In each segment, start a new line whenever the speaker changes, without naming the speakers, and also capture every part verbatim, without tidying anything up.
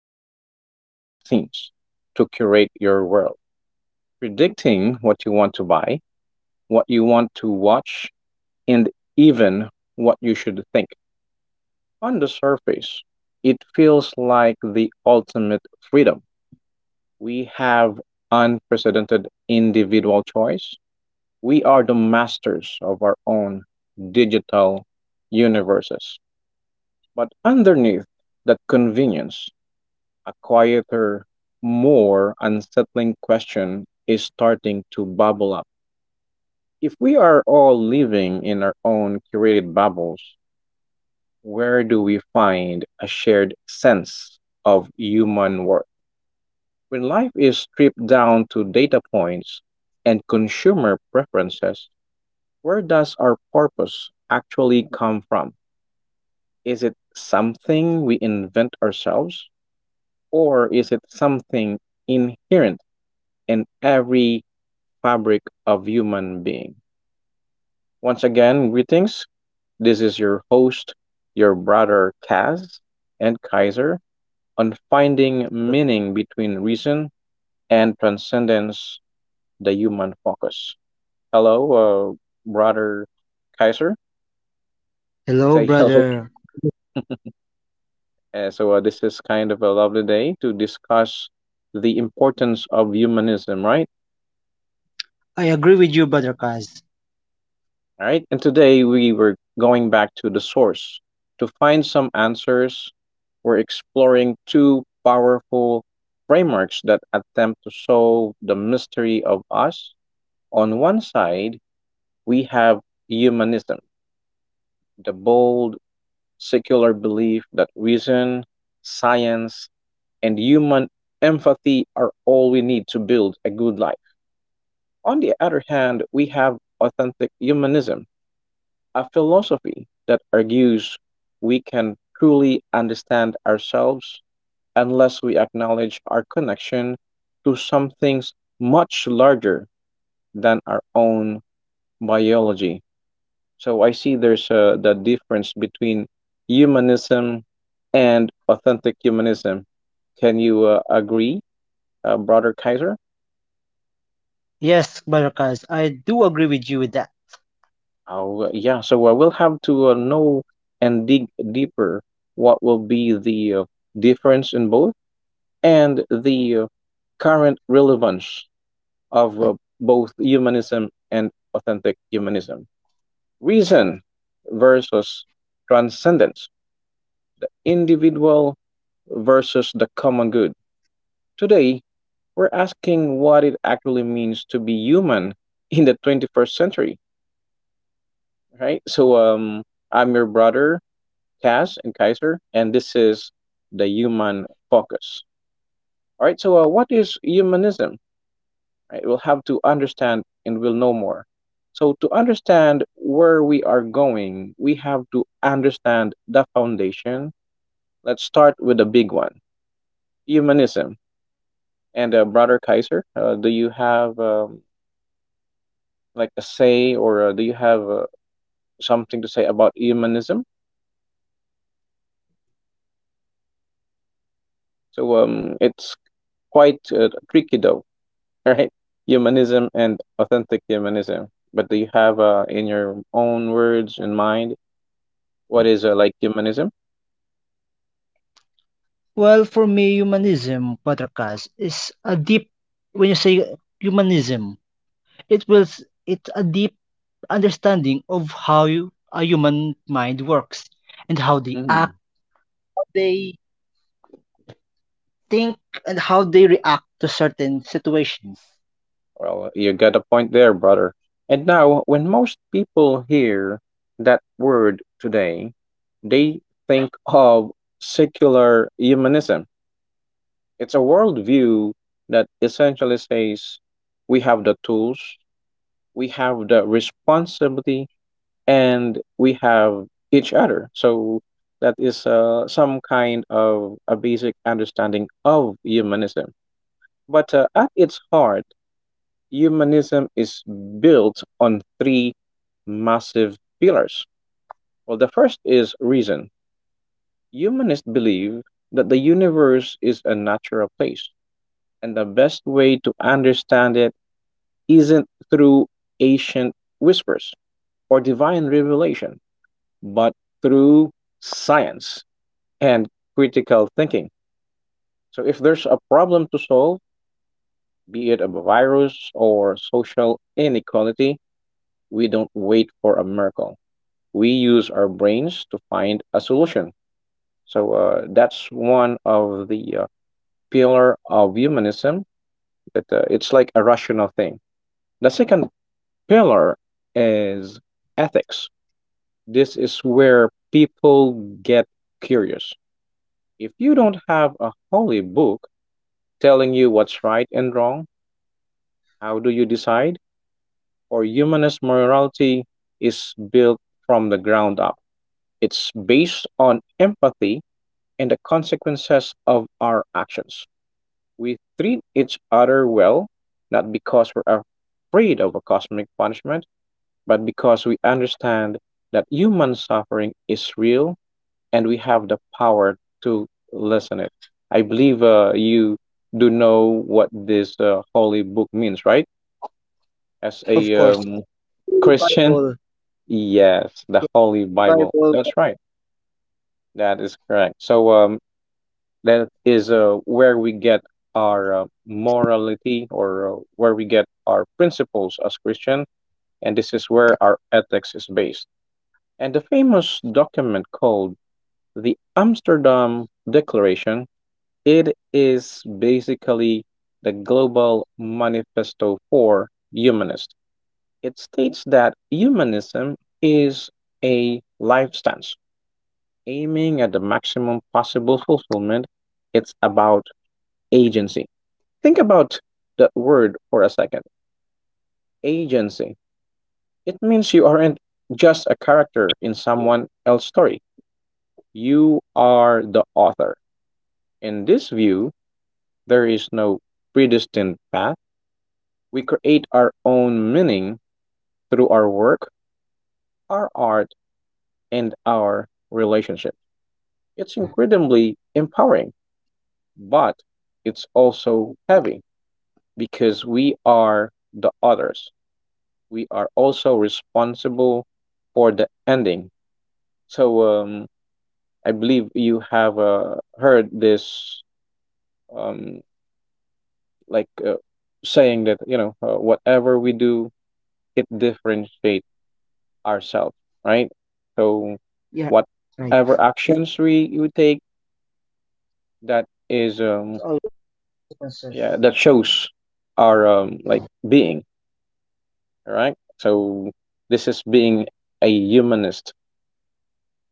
working behind the scenes to curate your world, predicting what you want to buy, what you want to watch, and even what you should think. On the surface, it feels like the ultimate freedom. We have unprecedented individual choice. We are the masters of our own digital universes. But underneath that convenience, a quieter, more unsettling question is starting to bubble up. If we are all living in our own curated bubbles, where do we find a shared sense of human worth? When life is stripped down to data points and consumer preferences, where does our purpose actually come from? Is it something we invent ourselves, or is it something inherent in every fabric of human being? Once again, greetings. This is your host, your brother Kaz and Kaiser, on finding meaning between reason and transcendence, the human focus. Hello, uh, brother Kaiser.
Hello,
Say hello
brother.
to our Uh, so uh, this is kind of a lovely day to discuss the importance of humanism, right?
I agree with you, brother. Badrakas.
All right. And today we were going back to the source to find some answers. We're exploring two powerful frameworks that attempt to solve the mystery of us. On one side, we have humanism, the bold secular belief that reason, science, and human empathy are all we need to build a good life. On the other hand, we have authentic humanism, a philosophy that argues we can truly understand ourselves unless we acknowledge our connection to something much larger than our own biology. So I see there's uh, the difference between humanism and authentic humanism. Can you uh, agree, uh, Brother Kaiser?
Yes, brother. Badrakas, I do agree with you with that.
Oh, yeah. So I will have to uh, know and dig deeper what will be the uh, difference in both and the uh, current relevance of uh, both humanism and authentic humanism. Reason versus transcendence, the individual versus the common good. Today, we're asking what it actually means to be human in the twenty-first century, right? So, um, I'm your brother Kaz and Kaiser, and this is the human focus. All right, so uh, what is humanism? All right, we'll have to understand and we'll know more. So, to understand where we are going, we have to understand the foundation. Let's start with the big one, humanism. And, uh, Brother Kaiser, uh, do you have um, like a say, or uh, do you have uh, something to say about humanism? So, um, it's quite uh, tricky though. Right? Humanism and authentic humanism. But do you have uh, in your own words in mind what is uh, like humanism?
Well, for me, humanism, brother. Badrakas, is a deep. When you say humanism, it will s- it's a deep understanding of how you, a human mind works and how they act,
Mm.
they think, and how they react to certain situations.
Well, you got a point there, brother. And now, when most people hear that word today, they think of secular humanism. It's a worldview that essentially says we have the tools, we have the responsibility, and we have each other. So that is uh, some kind of a basic understanding of humanism. But uh, at its heart, humanism is built on three massive pillars. Well, the first is reason. Humanists believe that the universe is a natural place, and the best way to understand it isn't through ancient whispers or divine revelation, but through science and critical thinking. So, if there's a problem to solve, be it a virus or social inequality, we don't wait for a miracle. We use our brains to find a solution. So, uh, that's one of the uh, pillar of humanism, that uh, it's like a rational thing. The second pillar is ethics. This is where people get curious. If you don't have a holy book telling you what's right and wrong, how do you decide? For humanist morality is built from the ground up. It's based on empathy and the consequences of our actions. We treat each other well, not because we're afraid of a cosmic punishment, but because we understand that human suffering is real and we have the power to lessen it. I believe uh, you do know what this uh, holy book means, right? As
Of
a
course,
um,
it's really
Christian.
Bible,
Yes, the
yeah,
Holy Bible.
Bible,
That's right. That is correct. So um, that is uh, where we get our uh, morality, or uh, where we get our principles as Christian, and this is where our ethics is based. And the famous document called the Amsterdam Declaration, it is basically the global manifesto for humanists. It states that humanism is a lifestyle aiming at the maximum possible fulfillment. It's about agency. Think about that word for a second: agency. It means you aren't just a character in someone else's story, you are the author. In this view, there is no predestined path. We create our own meaning through our work, our art, and our relationship. It's incredibly empowering, but it's also heavy, because we are the others. We are also responsible for the ending. So um, I believe you have uh, heard this um, like uh, saying that, you know, uh, whatever we do, it differentiates ourselves, right? So
yeah, right.
whatever actions we we take, that is um,
It's always
yeah,
conscious.
that shows our um, like being, all right? So this is being a humanist.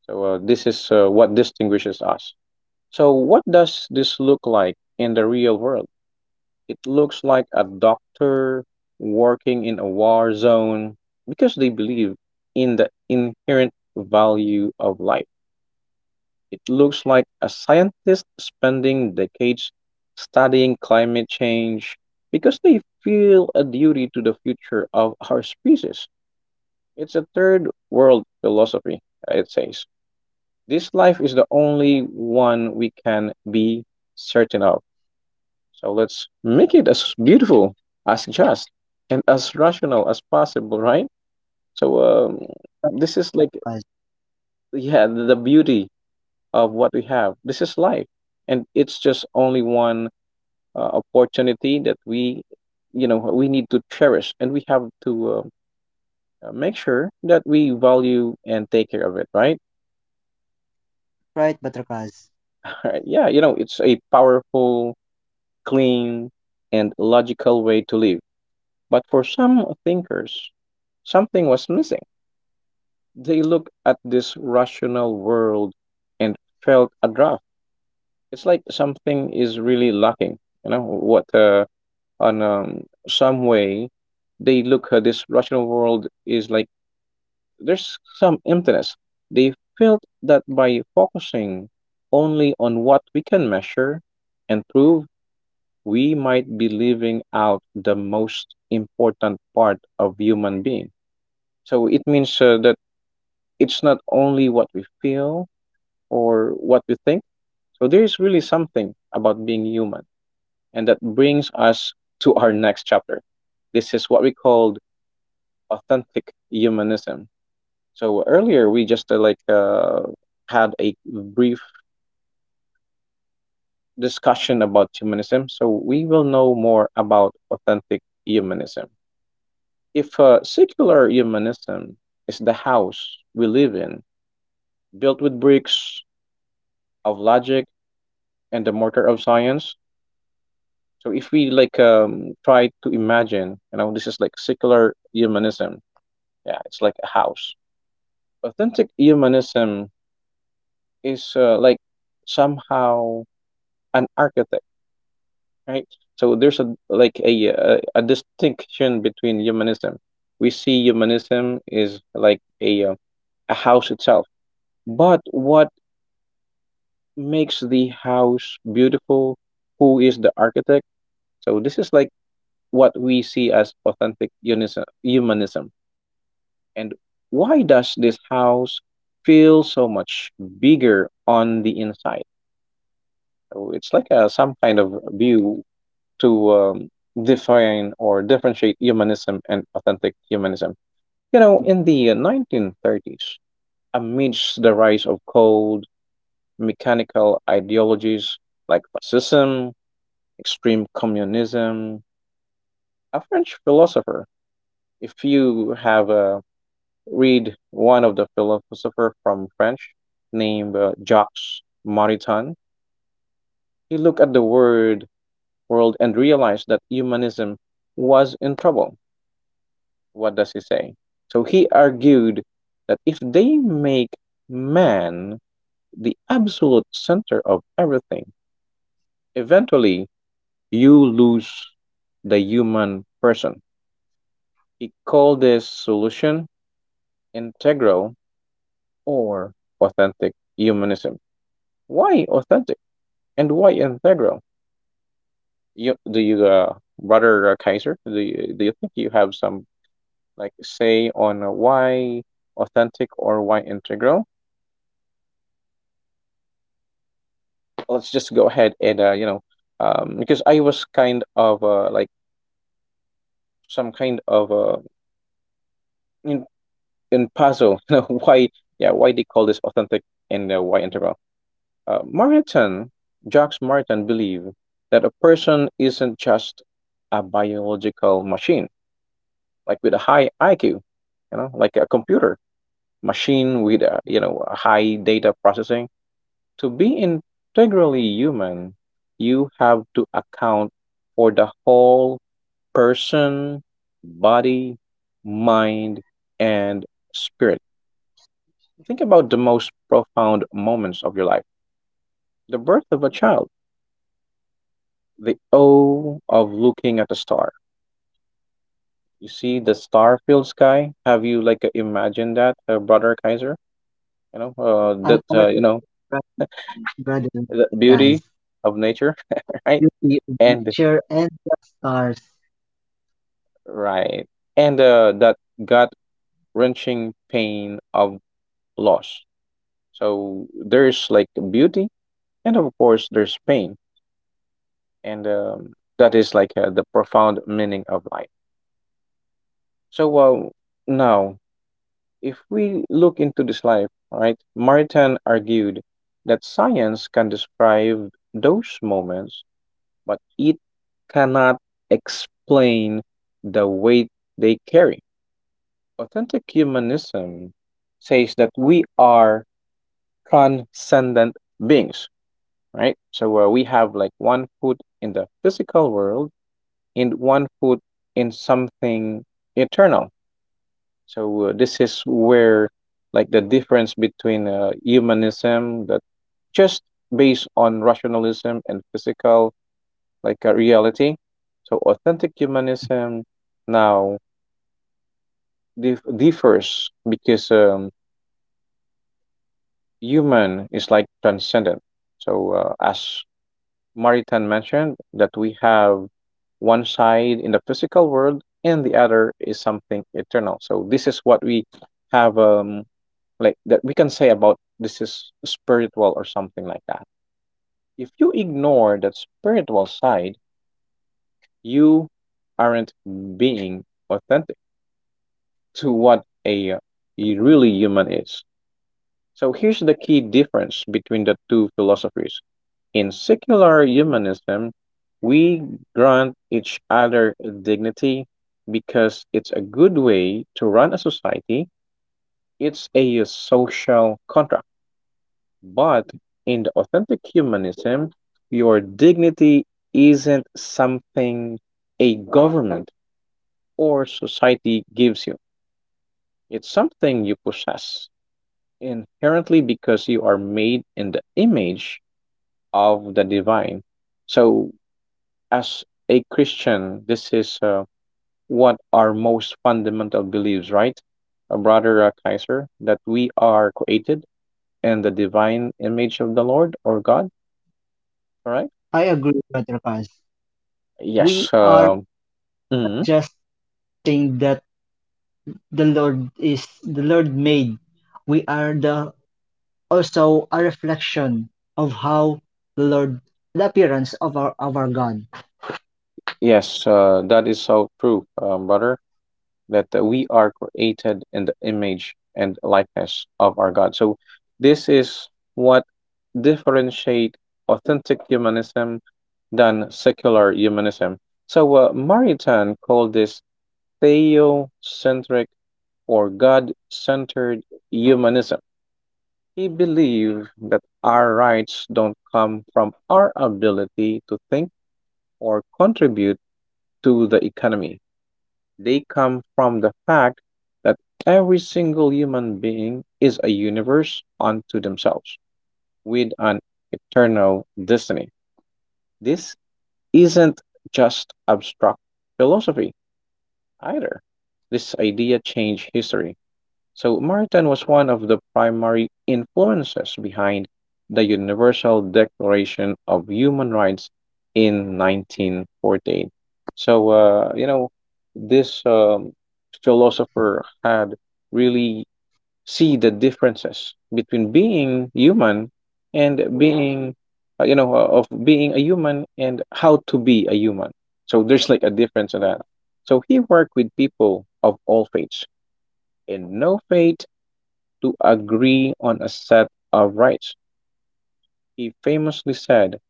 So uh, this is uh, what distinguishes us. So what does this look like in the real world? It looks like a doctor working in a war zone because they believe in the inherent value of life. It looks like a scientist spending decades studying climate change because they feel a duty to the future of our species. It's a third world philosophy, it says. This life is the only one we can be certain of. So let's make it as beautiful, as just, and as rational as possible, right? So um, this is like, yeah, the beauty of what we have. This is life, and it's just only one uh, opportunity that we, you know, we need to cherish, and we have to. Uh, uh, make sure that we value and take care of it, right?
Right, Butter Kaz.
Alright, yeah, you know, it's a powerful, clean, and logical way to live. But for some thinkers, something was missing. They looked at this rational world and felt a draft. It's like something is really lacking. You know what? Uh, on um, some way, they look at this rational world is like there's some emptiness. They felt that by focusing only on what we can measure and prove, we might be leaving out the most important part of human being. So it means uh, that it's not only what we feel or what we think. So there is really something about being human. And that brings us to our next chapter. This is what we called authentic humanism. So earlier we just uh, like uh, had a brief discussion about humanism. So we will know more about authentic humanism. If uh, secular humanism is the house we live in, built with bricks of logic and the mortar of science, so if we like um, try to imagine, you know, this is like secular humanism. Yeah, it's like a house. Authentic humanism is uh, like somehow an architect, right? So there's a like a a, a distinction between humanism. We see humanism is like a uh, a house itself, but what makes the house beautiful? Who is the architect? So this is like what we see as authentic unison, humanism. And why does this house feel so much bigger on the inside? So it's like a, some kind of view to um, define or differentiate humanism and authentic humanism. You know, in the uh, nineteen thirties, amidst the rise of cold, mechanical ideologies like fascism, extreme communism. A French philosopher. If you have uh, read one of the philosopher from French named uh, Jacques Maritain, he looked at the word world and realized that humanism was in trouble. What does he say? So he argued that if they make man the absolute center of everything, eventually you lose the human person. He called this solution integral, or authentic humanism? Why authentic and why integral? You, do you, uh, brother uh, Kaiser? Do you, do you think you have some like say on uh, why authentic or why integral? Let's just go ahead and uh, you know, um, because I was kind of uh, like some kind of uh, in in puzzle. You know why? Yeah, why they call this authentic and uh, why integral? Uh, Martin, Jacques Martin believed that a person isn't just a biological machine, like with a high I Q, you know, like a computer machine with a, you know, a high data processing. To be integrally human, you have to account for the whole person, body, mind, and spirit. Think about the most profound moments of your life: the birth of a child, the O of looking at a star. You see the star-filled sky. Have you like uh, imagined that, uh, brother Kaiser? You know, uh,
I'm
that uh,
currently
you know
struggling. Gathering
the
Kaz,
beauty of nature, right?
beauty of
And
nature and the stars.
right, and uh, that gut-wrenching pain of loss. So there's like beauty, and of course there's pain, and um, that is like uh, the profound meaning of life. So uh, now if we look into this life, right, Martin argued that science can describe those moments, but it cannot explain the weight they carry. Authentic humanism says that we are transcendent beings, right? So uh, we have like one foot in the physical world and one foot in something eternal. So uh, this is where like the difference between uh, humanism that just based on rationalism and physical like a reality. So authentic humanism now dif- differs because um, human is like transcendent. So uh, as Maritan mentioned, that we have one side in the physical world and the other is something eternal. So this is what we have um like, that we can say about this is spiritual or something like that. If you ignore that spiritual side, you aren't being authentic to what a, a really human is. So here's the key difference between the two philosophies. In secular humanism, we grant each other dignity because it's a good way to run a society. It's a social contract. But in the authentic humanism, your dignity isn't something a government or society gives you, it's something you possess inherently because you are made in the image of the divine. So, as a Christian, this is uh, what our most fundamental beliefs, right? Uh, Brother uh, Kaiser, that we are created in the divine image of the Lord or God, correct?
I agree, Butter Kaz.
Yes.
We are
Uh, mhm.
just thing that the Lord is the Lord made. We are the also a reflection of how the Lord the appearance of our of our God.
Yes, uh, that is so true, um, brother, that uh, we are created in the image and likeness of our God. So this is what differentiate authentic humanism than secular humanism. So uh, Maritain called this theocentric or God-centered humanism. He believed that our rights don't come from our ability to think or contribute to the economy. They come from the fact that every single human being is a universe unto themselves with an eternal destiny. This isn't just abstract philosophy either. This idea changed history. So Martin was one of the primary influences behind the Universal Declaration of Human Rights in nineteen forty-eight. So uh, you know, this um, philosopher had really see the differences between being human and being uh, you know uh, of being a human and how to be a human. So there's like a difference in that. So he worked with people of all faiths and no faith to agree on a set of rights. He famously said,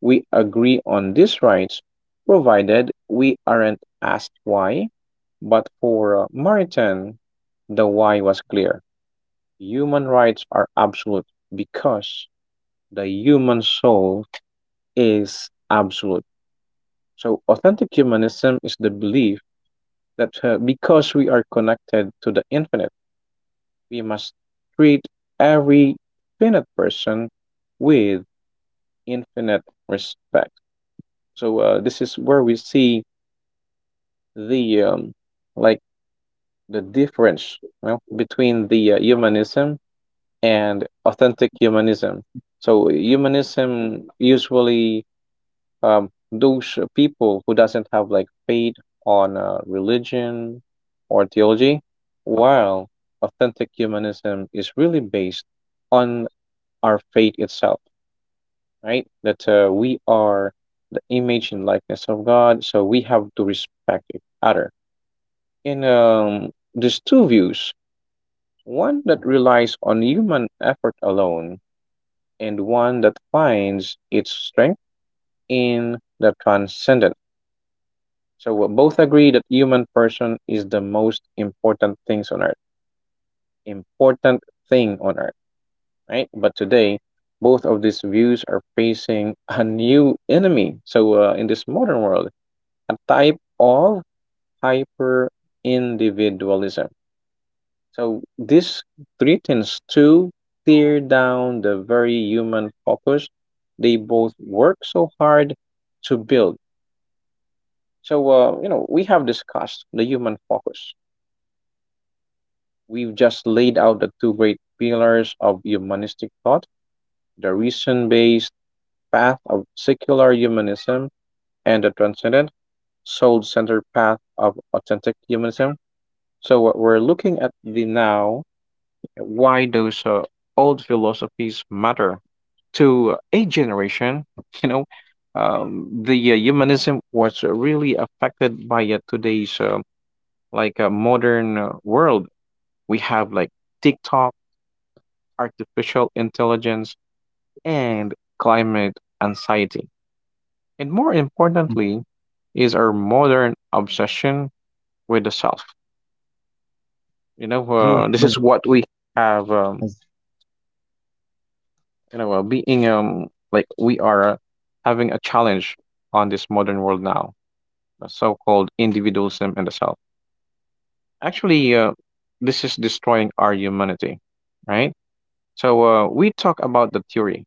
"We agree on these rights, provided we aren't asked why." But for Maritain, the why was clear. Human rights are absolute because the human soul is absolute. So, authentic humanism is the belief that uh, because we are connected to the infinite, we must treat every finite person with infinite respect. So uh, this is where we see the um, like the difference, well, between the uh, humanism and authentic humanism. So humanism, usually um, those people who doesn't have like faith on uh, religion or theology, while authentic humanism is really based on our faith itself. Right? That uh, we are the image and likeness of God, so we have to respect each other. And um, there's two views, one that relies on human effort alone, and one that finds its strength in the transcendent. So we both agree that human person is the most important things on earth, important thing on earth, right? But today, both of these views are facing a new enemy. So uh, in this modern world, a type of hyper individualism. So this threatens to tear down the very human focus they both work so hard to build. So uh, you know we have discussed the human focus. We've just laid out the two great pillars of humanistic thought: the reason-based path of secular humanism and the transcendent soul-centered path of authentic humanism. So what we're looking at the now, why those uh, old philosophies matter to a generation. You know, um, the uh, humanism was really affected by uh, today's uh, like uh, modern uh, world. We have like TikTok, artificial intelligence, and climate anxiety. And more importantly, is our modern obsession with the self. You know,
True,
uh, this
Brother
is what we have. Um,
Kaz.
you know, uh, being um like we are uh, having a challenge on this modern world now, the so-called individualism and the self. Actually, uh, this is destroying our humanity, right? So uh, we talk about the theory,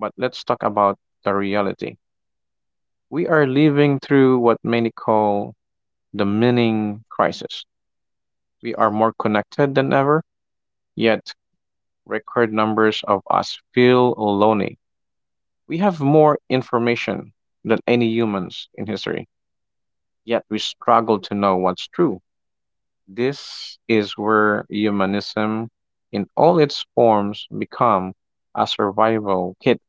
but let's talk about the reality. We are living through what many call the meaning crisis. We are more connected than ever, yet record numbers of us feel lonely. We have more information than any humans in history, yet we struggle to know what's true. This is where humanism in all its forms become a survival kit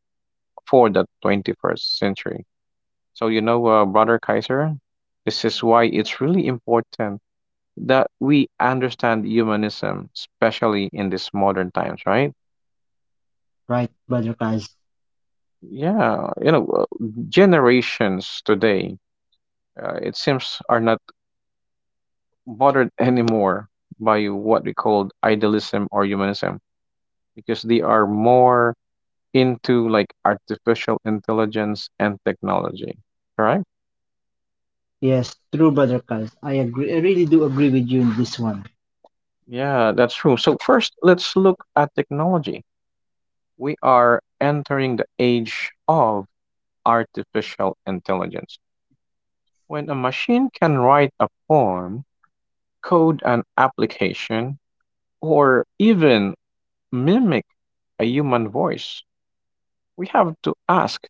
for the twenty-first century. So you know, uh, brother Kaiser, this is why it's really important that we understand humanism, especially in these modern times, right?
Right, Brother Kaz.
Yeah, you know, uh, generations today, uh, it seems are not bothered anymore by what we called idealism or humanism because they are more into like artificial intelligence and technology, correct?
Yes, true, Brother Kaz. I agree. I really do agree with you in this one.
Yeah, that's true. So first let's look at technology. We are entering the age of artificial intelligence. When a machine can write a poem, code an application, or even mimic a human voice, we have to ask,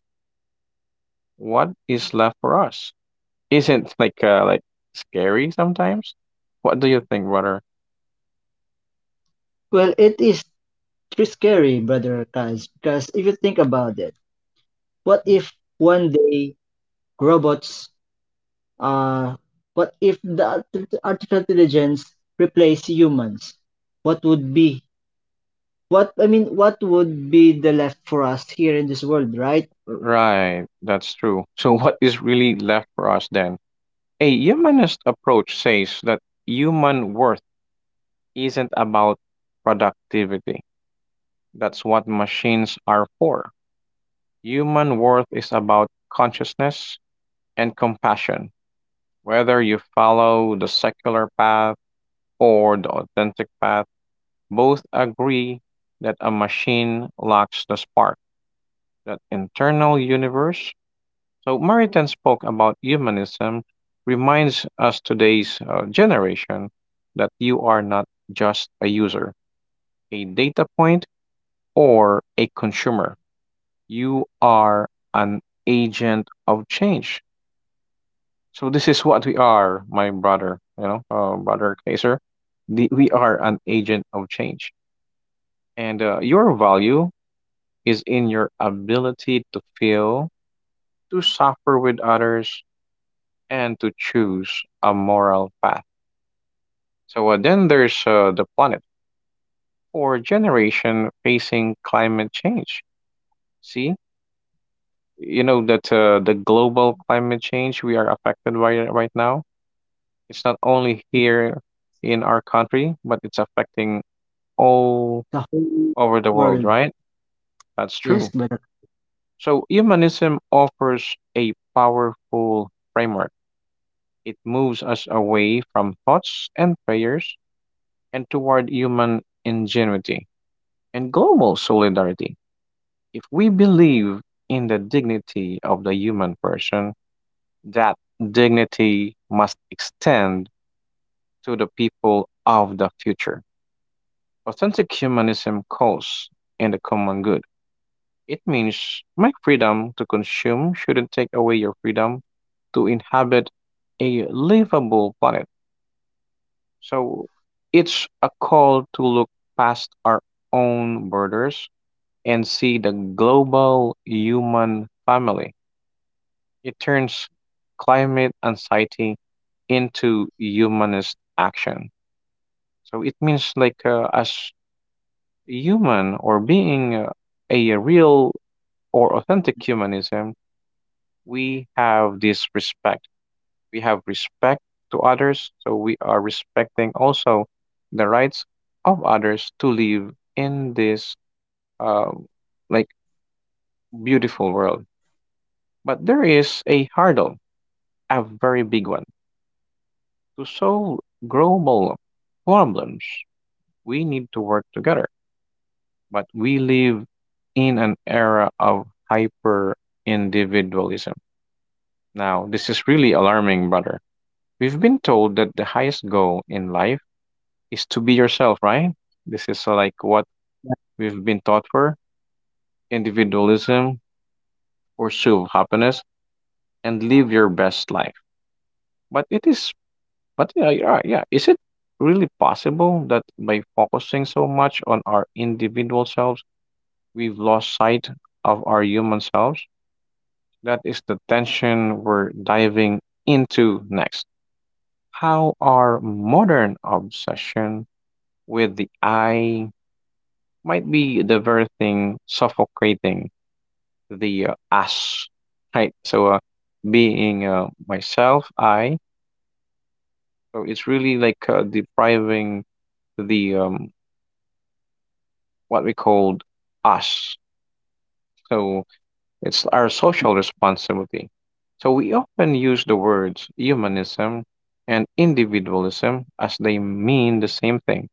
what is left for us? Isn't like uh, like scary sometimes? What do you think, brother?
Well, it is. It's scary, brother Kaz, because if you think about it, what
Mm.
if one day robots, uh, what if the art- artificial intelligence replace humans? What would be, what, I mean, what would be the left for us here in this world, right?
Right, that's true. So what is really left for us then? A humanist approach says that human worth isn't about productivity. That's what machines are for. Human worth is about consciousness and compassion. Whether you follow the secular path or the authentic path, both agree that a machine lacks the spark, that internal universe. So, Maritain spoke about humanism, reminds us today's uh, generation that you are not just a user, a data point, or a consumer. You are an agent of change. So this is what we are, my brother. You know, uh, brother Kaiser. The, we are an agent of change, and uh, your value is in your ability to feel, to suffer with others, and to choose a moral path. So uh, then there's uh, the planet for generation facing climate change. See, you know that uh, the global climate change, we are affected by it right now. It's not only here in our country, but it's affecting all
The whole
over the world,
world.
right? That's true.
Yes, brother.
So humanism offers a powerful framework. It moves us away from thoughts and prayers and toward human ingenuity and global solidarity. If we believe in the dignity of the human person, that dignity must extend to the people of the future. Authentic humanism calls in the common good. It means my freedom to consume shouldn't take away your freedom to inhabit a livable planet. So it's a call to look past our own borders and see the global human family. It turns climate anxiety into humanist action. So it means like uh, as human or being uh, a real or authentic humanism, we have this respect. We have respect to others, so we are respecting also the rights of others to live in this um, like beautiful world. But there is a hurdle, a very big one. To solve global problems, we need to work together. But we live in an era of hyper individualism. Now, this is really alarming, brother. We've been told that the highest goal in life is to be yourself, right? This is uh, like what we've been taught for individualism, pursue happiness, and live your best life. But it is But yeah, yeah, yeah. Is it really possible that by focusing so much on our individual selves, we've lost sight of our human selves? That is the tension we're diving into next. How our modern obsession with the I might be the very thing suffocating the uh, us, right? So, uh, being uh, myself, I, so it's really like uh, depriving the um, what we called us. So it's our social responsibility. So we often use the words humanism and individualism as they mean the same thing.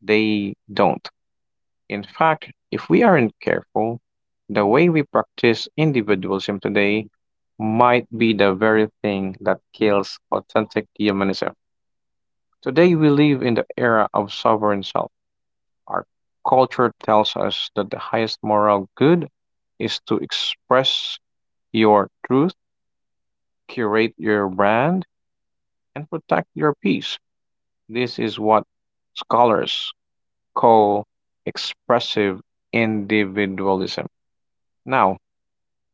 They don't. In fact, if we aren't careful, the way we practice individualism today might be the very thing that kills authentic humanism. Today, we live in the era of sovereign self. Our culture tells us that the highest moral good is to express your truth, curate your brand, and protect your peace. This is what scholars call expressive individualism. Now,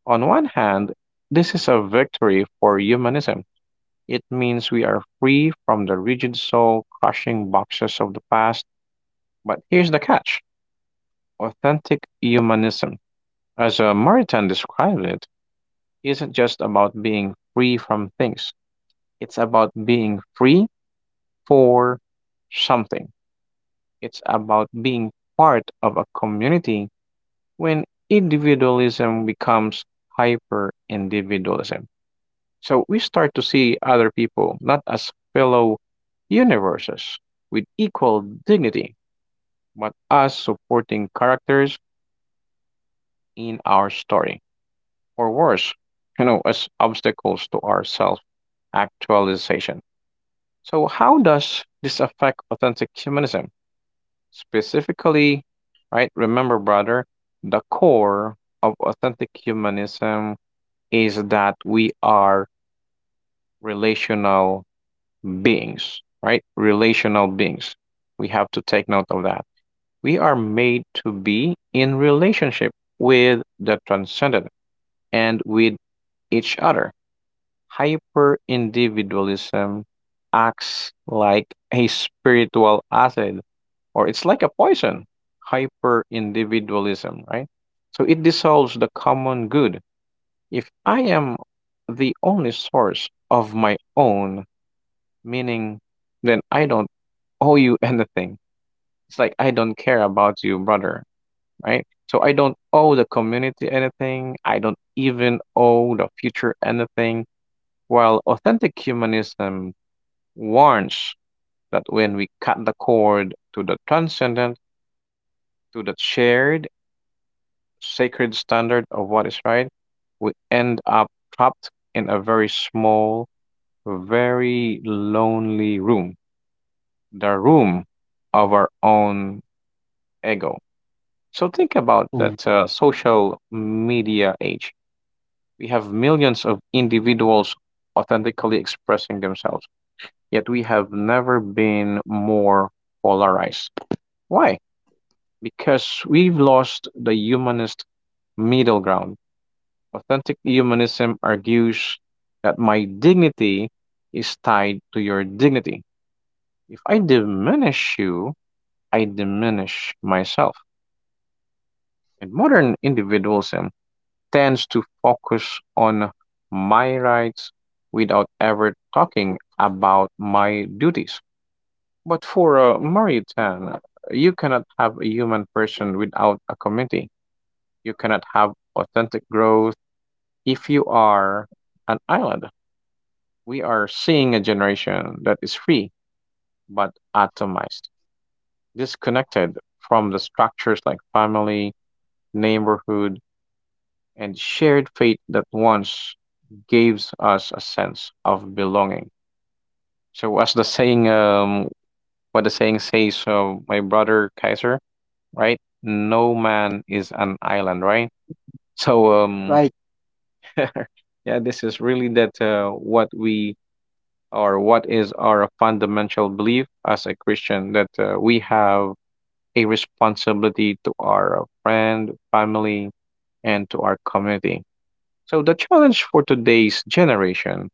on one hand, this is a victory for humanism. It means we are free from the rigid soul crushing boxes of the past. But here's the catch, authentic humanism, as uh, Maritain described it, isn't just about being free from things. It's about being free for something. It's about being part of a community when individualism becomes hyper individualism. So we start to see other people not as fellow universes with equal dignity, but as supporting characters in our story, or worse, you know, as obstacles to our self actualization. So how does this affect authentic humanism? Specifically, right, remember brother, the core of authentic humanism is that we are relational beings, right? Relational beings. We have to take note of that. We are made to be in relationship with the transcendent and with each other. Hyperindividualism acts like a spiritual acid or it's like a poison, hyperindividualism, right? So it dissolves the common good. If I am the only source of my own meaning, then I don't owe you anything. It's like I don't care about you, brother, right? So I don't owe the community anything. I don't even owe the future anything. While authentic humanism warns that when we cut the cord to the transcendent, to the shared sacred standard of what is right, we end up trapped in a very small, very lonely room, the room of our own ego. So think about
Kaz.
that uh, social media age. We have millions of individuals authentically expressing themselves, yet we have never been more polarized. Why? Because we've lost the humanist middle ground. Authentic humanism argues that my dignity is tied to your dignity. If I diminish you, I diminish myself. And modern individualism tends to focus on my rights without ever talking about my duties. But for a Maritan, you cannot have a human person without a community. You cannot have authentic growth if you are an island. We are seeing a generation that is free but atomized, disconnected from the structures like family, neighborhood, and shared fate that once gives us a sense of belonging. So, as the saying, um, what the saying says, so my brother Kaiser, right? No man is an island, right? So, um,
Right.
yeah, this is really that uh, what we or what is our fundamental belief as a Christian, that uh, we have a responsibility to our friend, family, and to our community. So the challenge for today's generation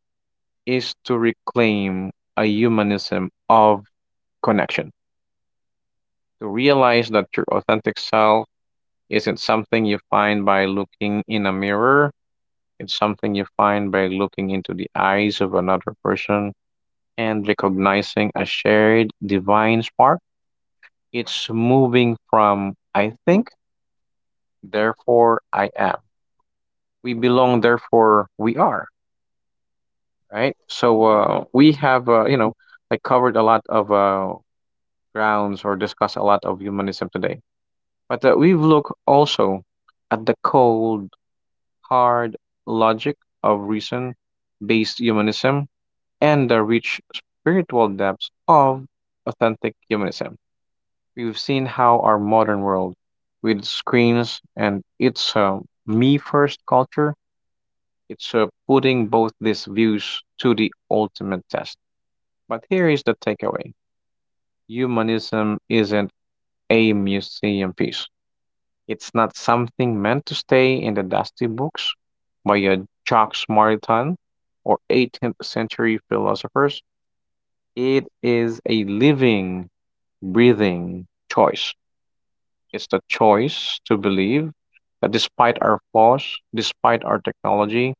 is to reclaim a humanism of connection, to realize that your authentic self isn't something you find by looking in a mirror. It's something you find by looking into the eyes of another person and recognizing a shared divine spark. It's moving from I think, therefore I am. We belong, therefore we are. Right. So uh, we have, uh, you know, like covered a lot of uh, grounds or discussed a lot of humanism today. But uh, we've looked also at the cold, hard logic of reason based humanism and the rich spiritual depths of authentic humanism. We've seen how our modern world, with screens and its uh, me first culture, it's uh, putting both these views to the ultimate test. But here is the takeaway, humanism isn't a museum piece, it's not something meant to stay in the dusty books by a Jacques Maritain or eighteenth century philosophers. It is a living, breathing choice. It's the choice to believe that despite our flaws, despite our technology,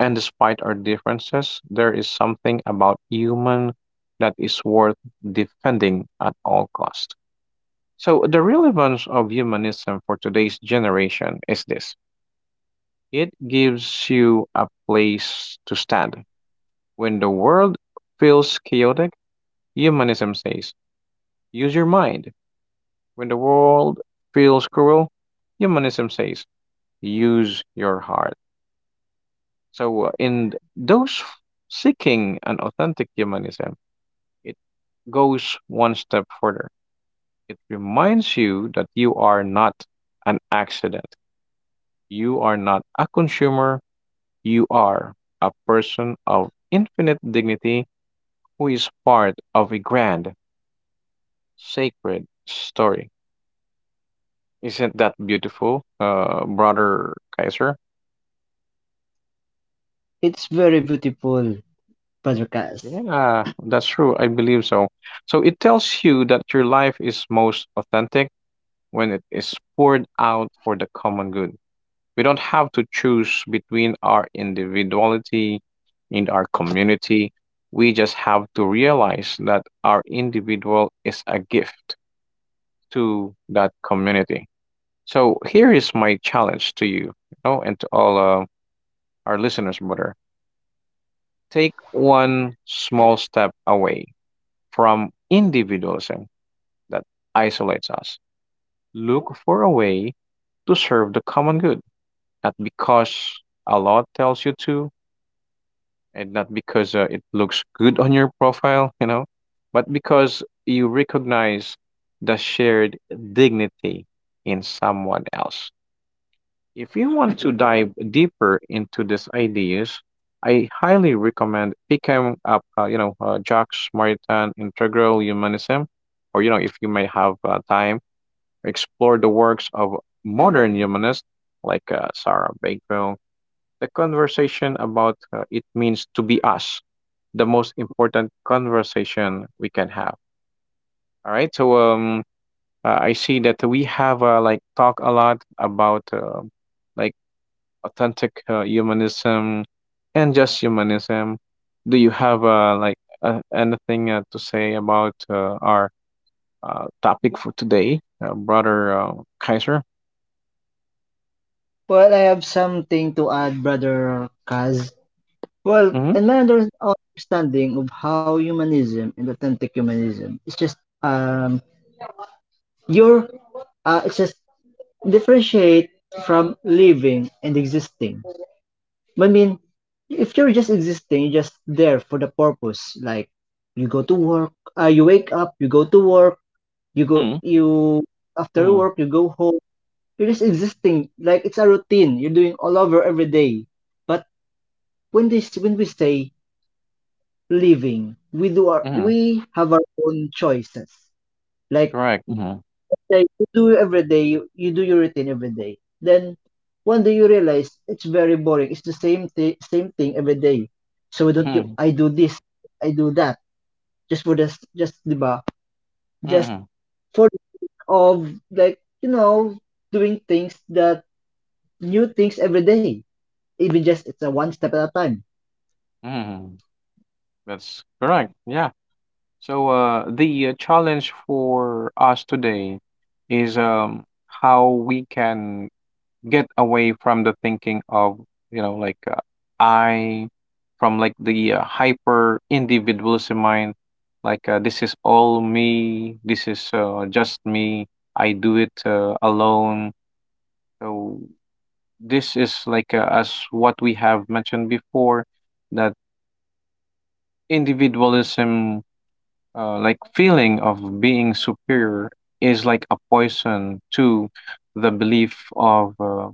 and despite our differences, there is something about human that is worth defending at all cost. So the relevance of humanism for today's generation is this. It gives you a place to stand. When the world feels chaotic, humanism says, use your mind. When the world feels cruel, humanism says, use your heart. So, uh, in those seeking an authentic humanism, it goes one step further. It reminds you that you are not an accident, you are not a consumer, you are a person of infinite dignity who is part of a grand, sacred story. Isn't that beautiful, uh, brother Kaiser?
It's very beautiful, brother Kaz.
Yeah, that's true. I believe so. So it tells you that your life is most authentic when it is poured out for the common good. We don't have to choose between our individuality and our community. We just have to realize that our individual is a gift to that community. So here is my challenge to you, you know, and to all uh, our listeners, brother. Take one small step away from individualism that isolates us. Look for a way to serve the common good, not because a law tells you to, and not because uh, it looks good on your profile, you know, but because you recognize the shared dignity in someone else. If you want to dive deeper into these ideas, I highly recommend picking up, uh, you know, uh, Jack Smaritan Integral Humanism, or you know, if you may have uh, time, explore the works of modern humanists like uh, Sarah Bakewell. The conversation about uh, it means to be us, the most important conversation we can have. All right, so um, uh, I see that we have uh, like talk a lot about. um like authentic uh, humanism and just humanism. Do you have uh, like uh, anything uh, to say about uh, our uh, topic for today, uh, brother uh, Kaiser?
Well, I have something to add, brother Kaz. Well,
Mm-hmm.
in my under understanding of how humanism and authentic humanism is just um your uh it's just differentiate from living and existing. I mean, if you're just existing, you're just there for the purpose. Like you go to work, uh, you wake up, you go to work, you go
Mm-hmm.
you after
Mm-hmm.
work you go home. You're just existing. Like it's a routine. You're doing all over every day. But when this when we say living. We do our
Hmm.
we have our own choices. Like
Correct. Mm-hmm.
like you do every day, you, you do your routine every day. Then one day you realize it's very boring. It's the same thing same thing every day. So don't you
Mm-hmm.
I do this, I do that. Just for this just diba? Just
Mm-hmm.
for the sake of like, you know, doing things that new things every day. Even just it's a one step at a time.
Mm-hmm. That's correct. Yeah. So uh, the uh, challenge for us today is um, how we can get away from the thinking of, you know like uh, I from like the uh, hyper individualism mind, like uh, this is all me, this is uh, just me, I do it uh, alone. So this is like uh, as what we have mentioned before, that individualism, uh, like feeling of being superior, is like a poison to the belief of uh,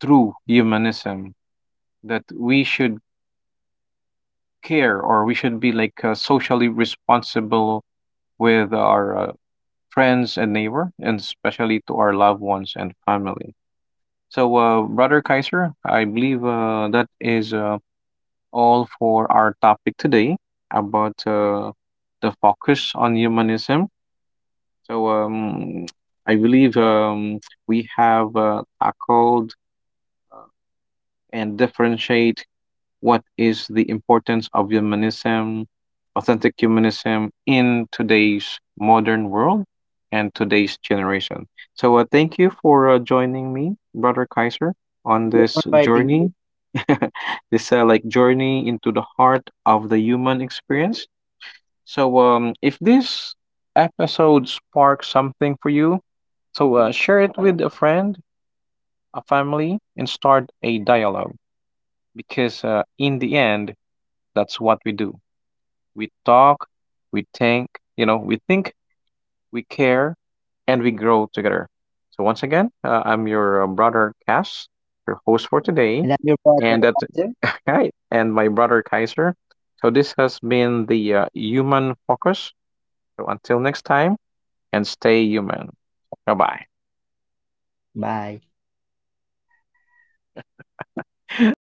true humanism, that we should care, or we should be like uh, socially responsible with our uh, friends and neighbor, and especially to our loved ones and family. So uh, brother Kaiser, I believe uh, that is uh, all for our topic today about uh, the focus on humanism. so um, I believe um, we have uh, tackled uh, and differentiate what is the importance of humanism, authentic humanism in today's modern world and today's generation. So, uh, thank you for uh, joining me, Brother Kaiser, on this
Fighting.
journey, this uh, like journey into the heart of the human experience. So, um, if this episode sparks something for you, so uh, share it with a friend, a family, and start a dialogue because uh, in the end, that's what we do. We talk, we think, you know, we think, we care, and we grow together. So once again, uh, I'm your uh, brother Cass, your host for today,
And I'm your
and that
brother.
right, and my brother Kaiser. So this has been the uh, human focus. So until next time, and stay human. Bye bye.
Bye.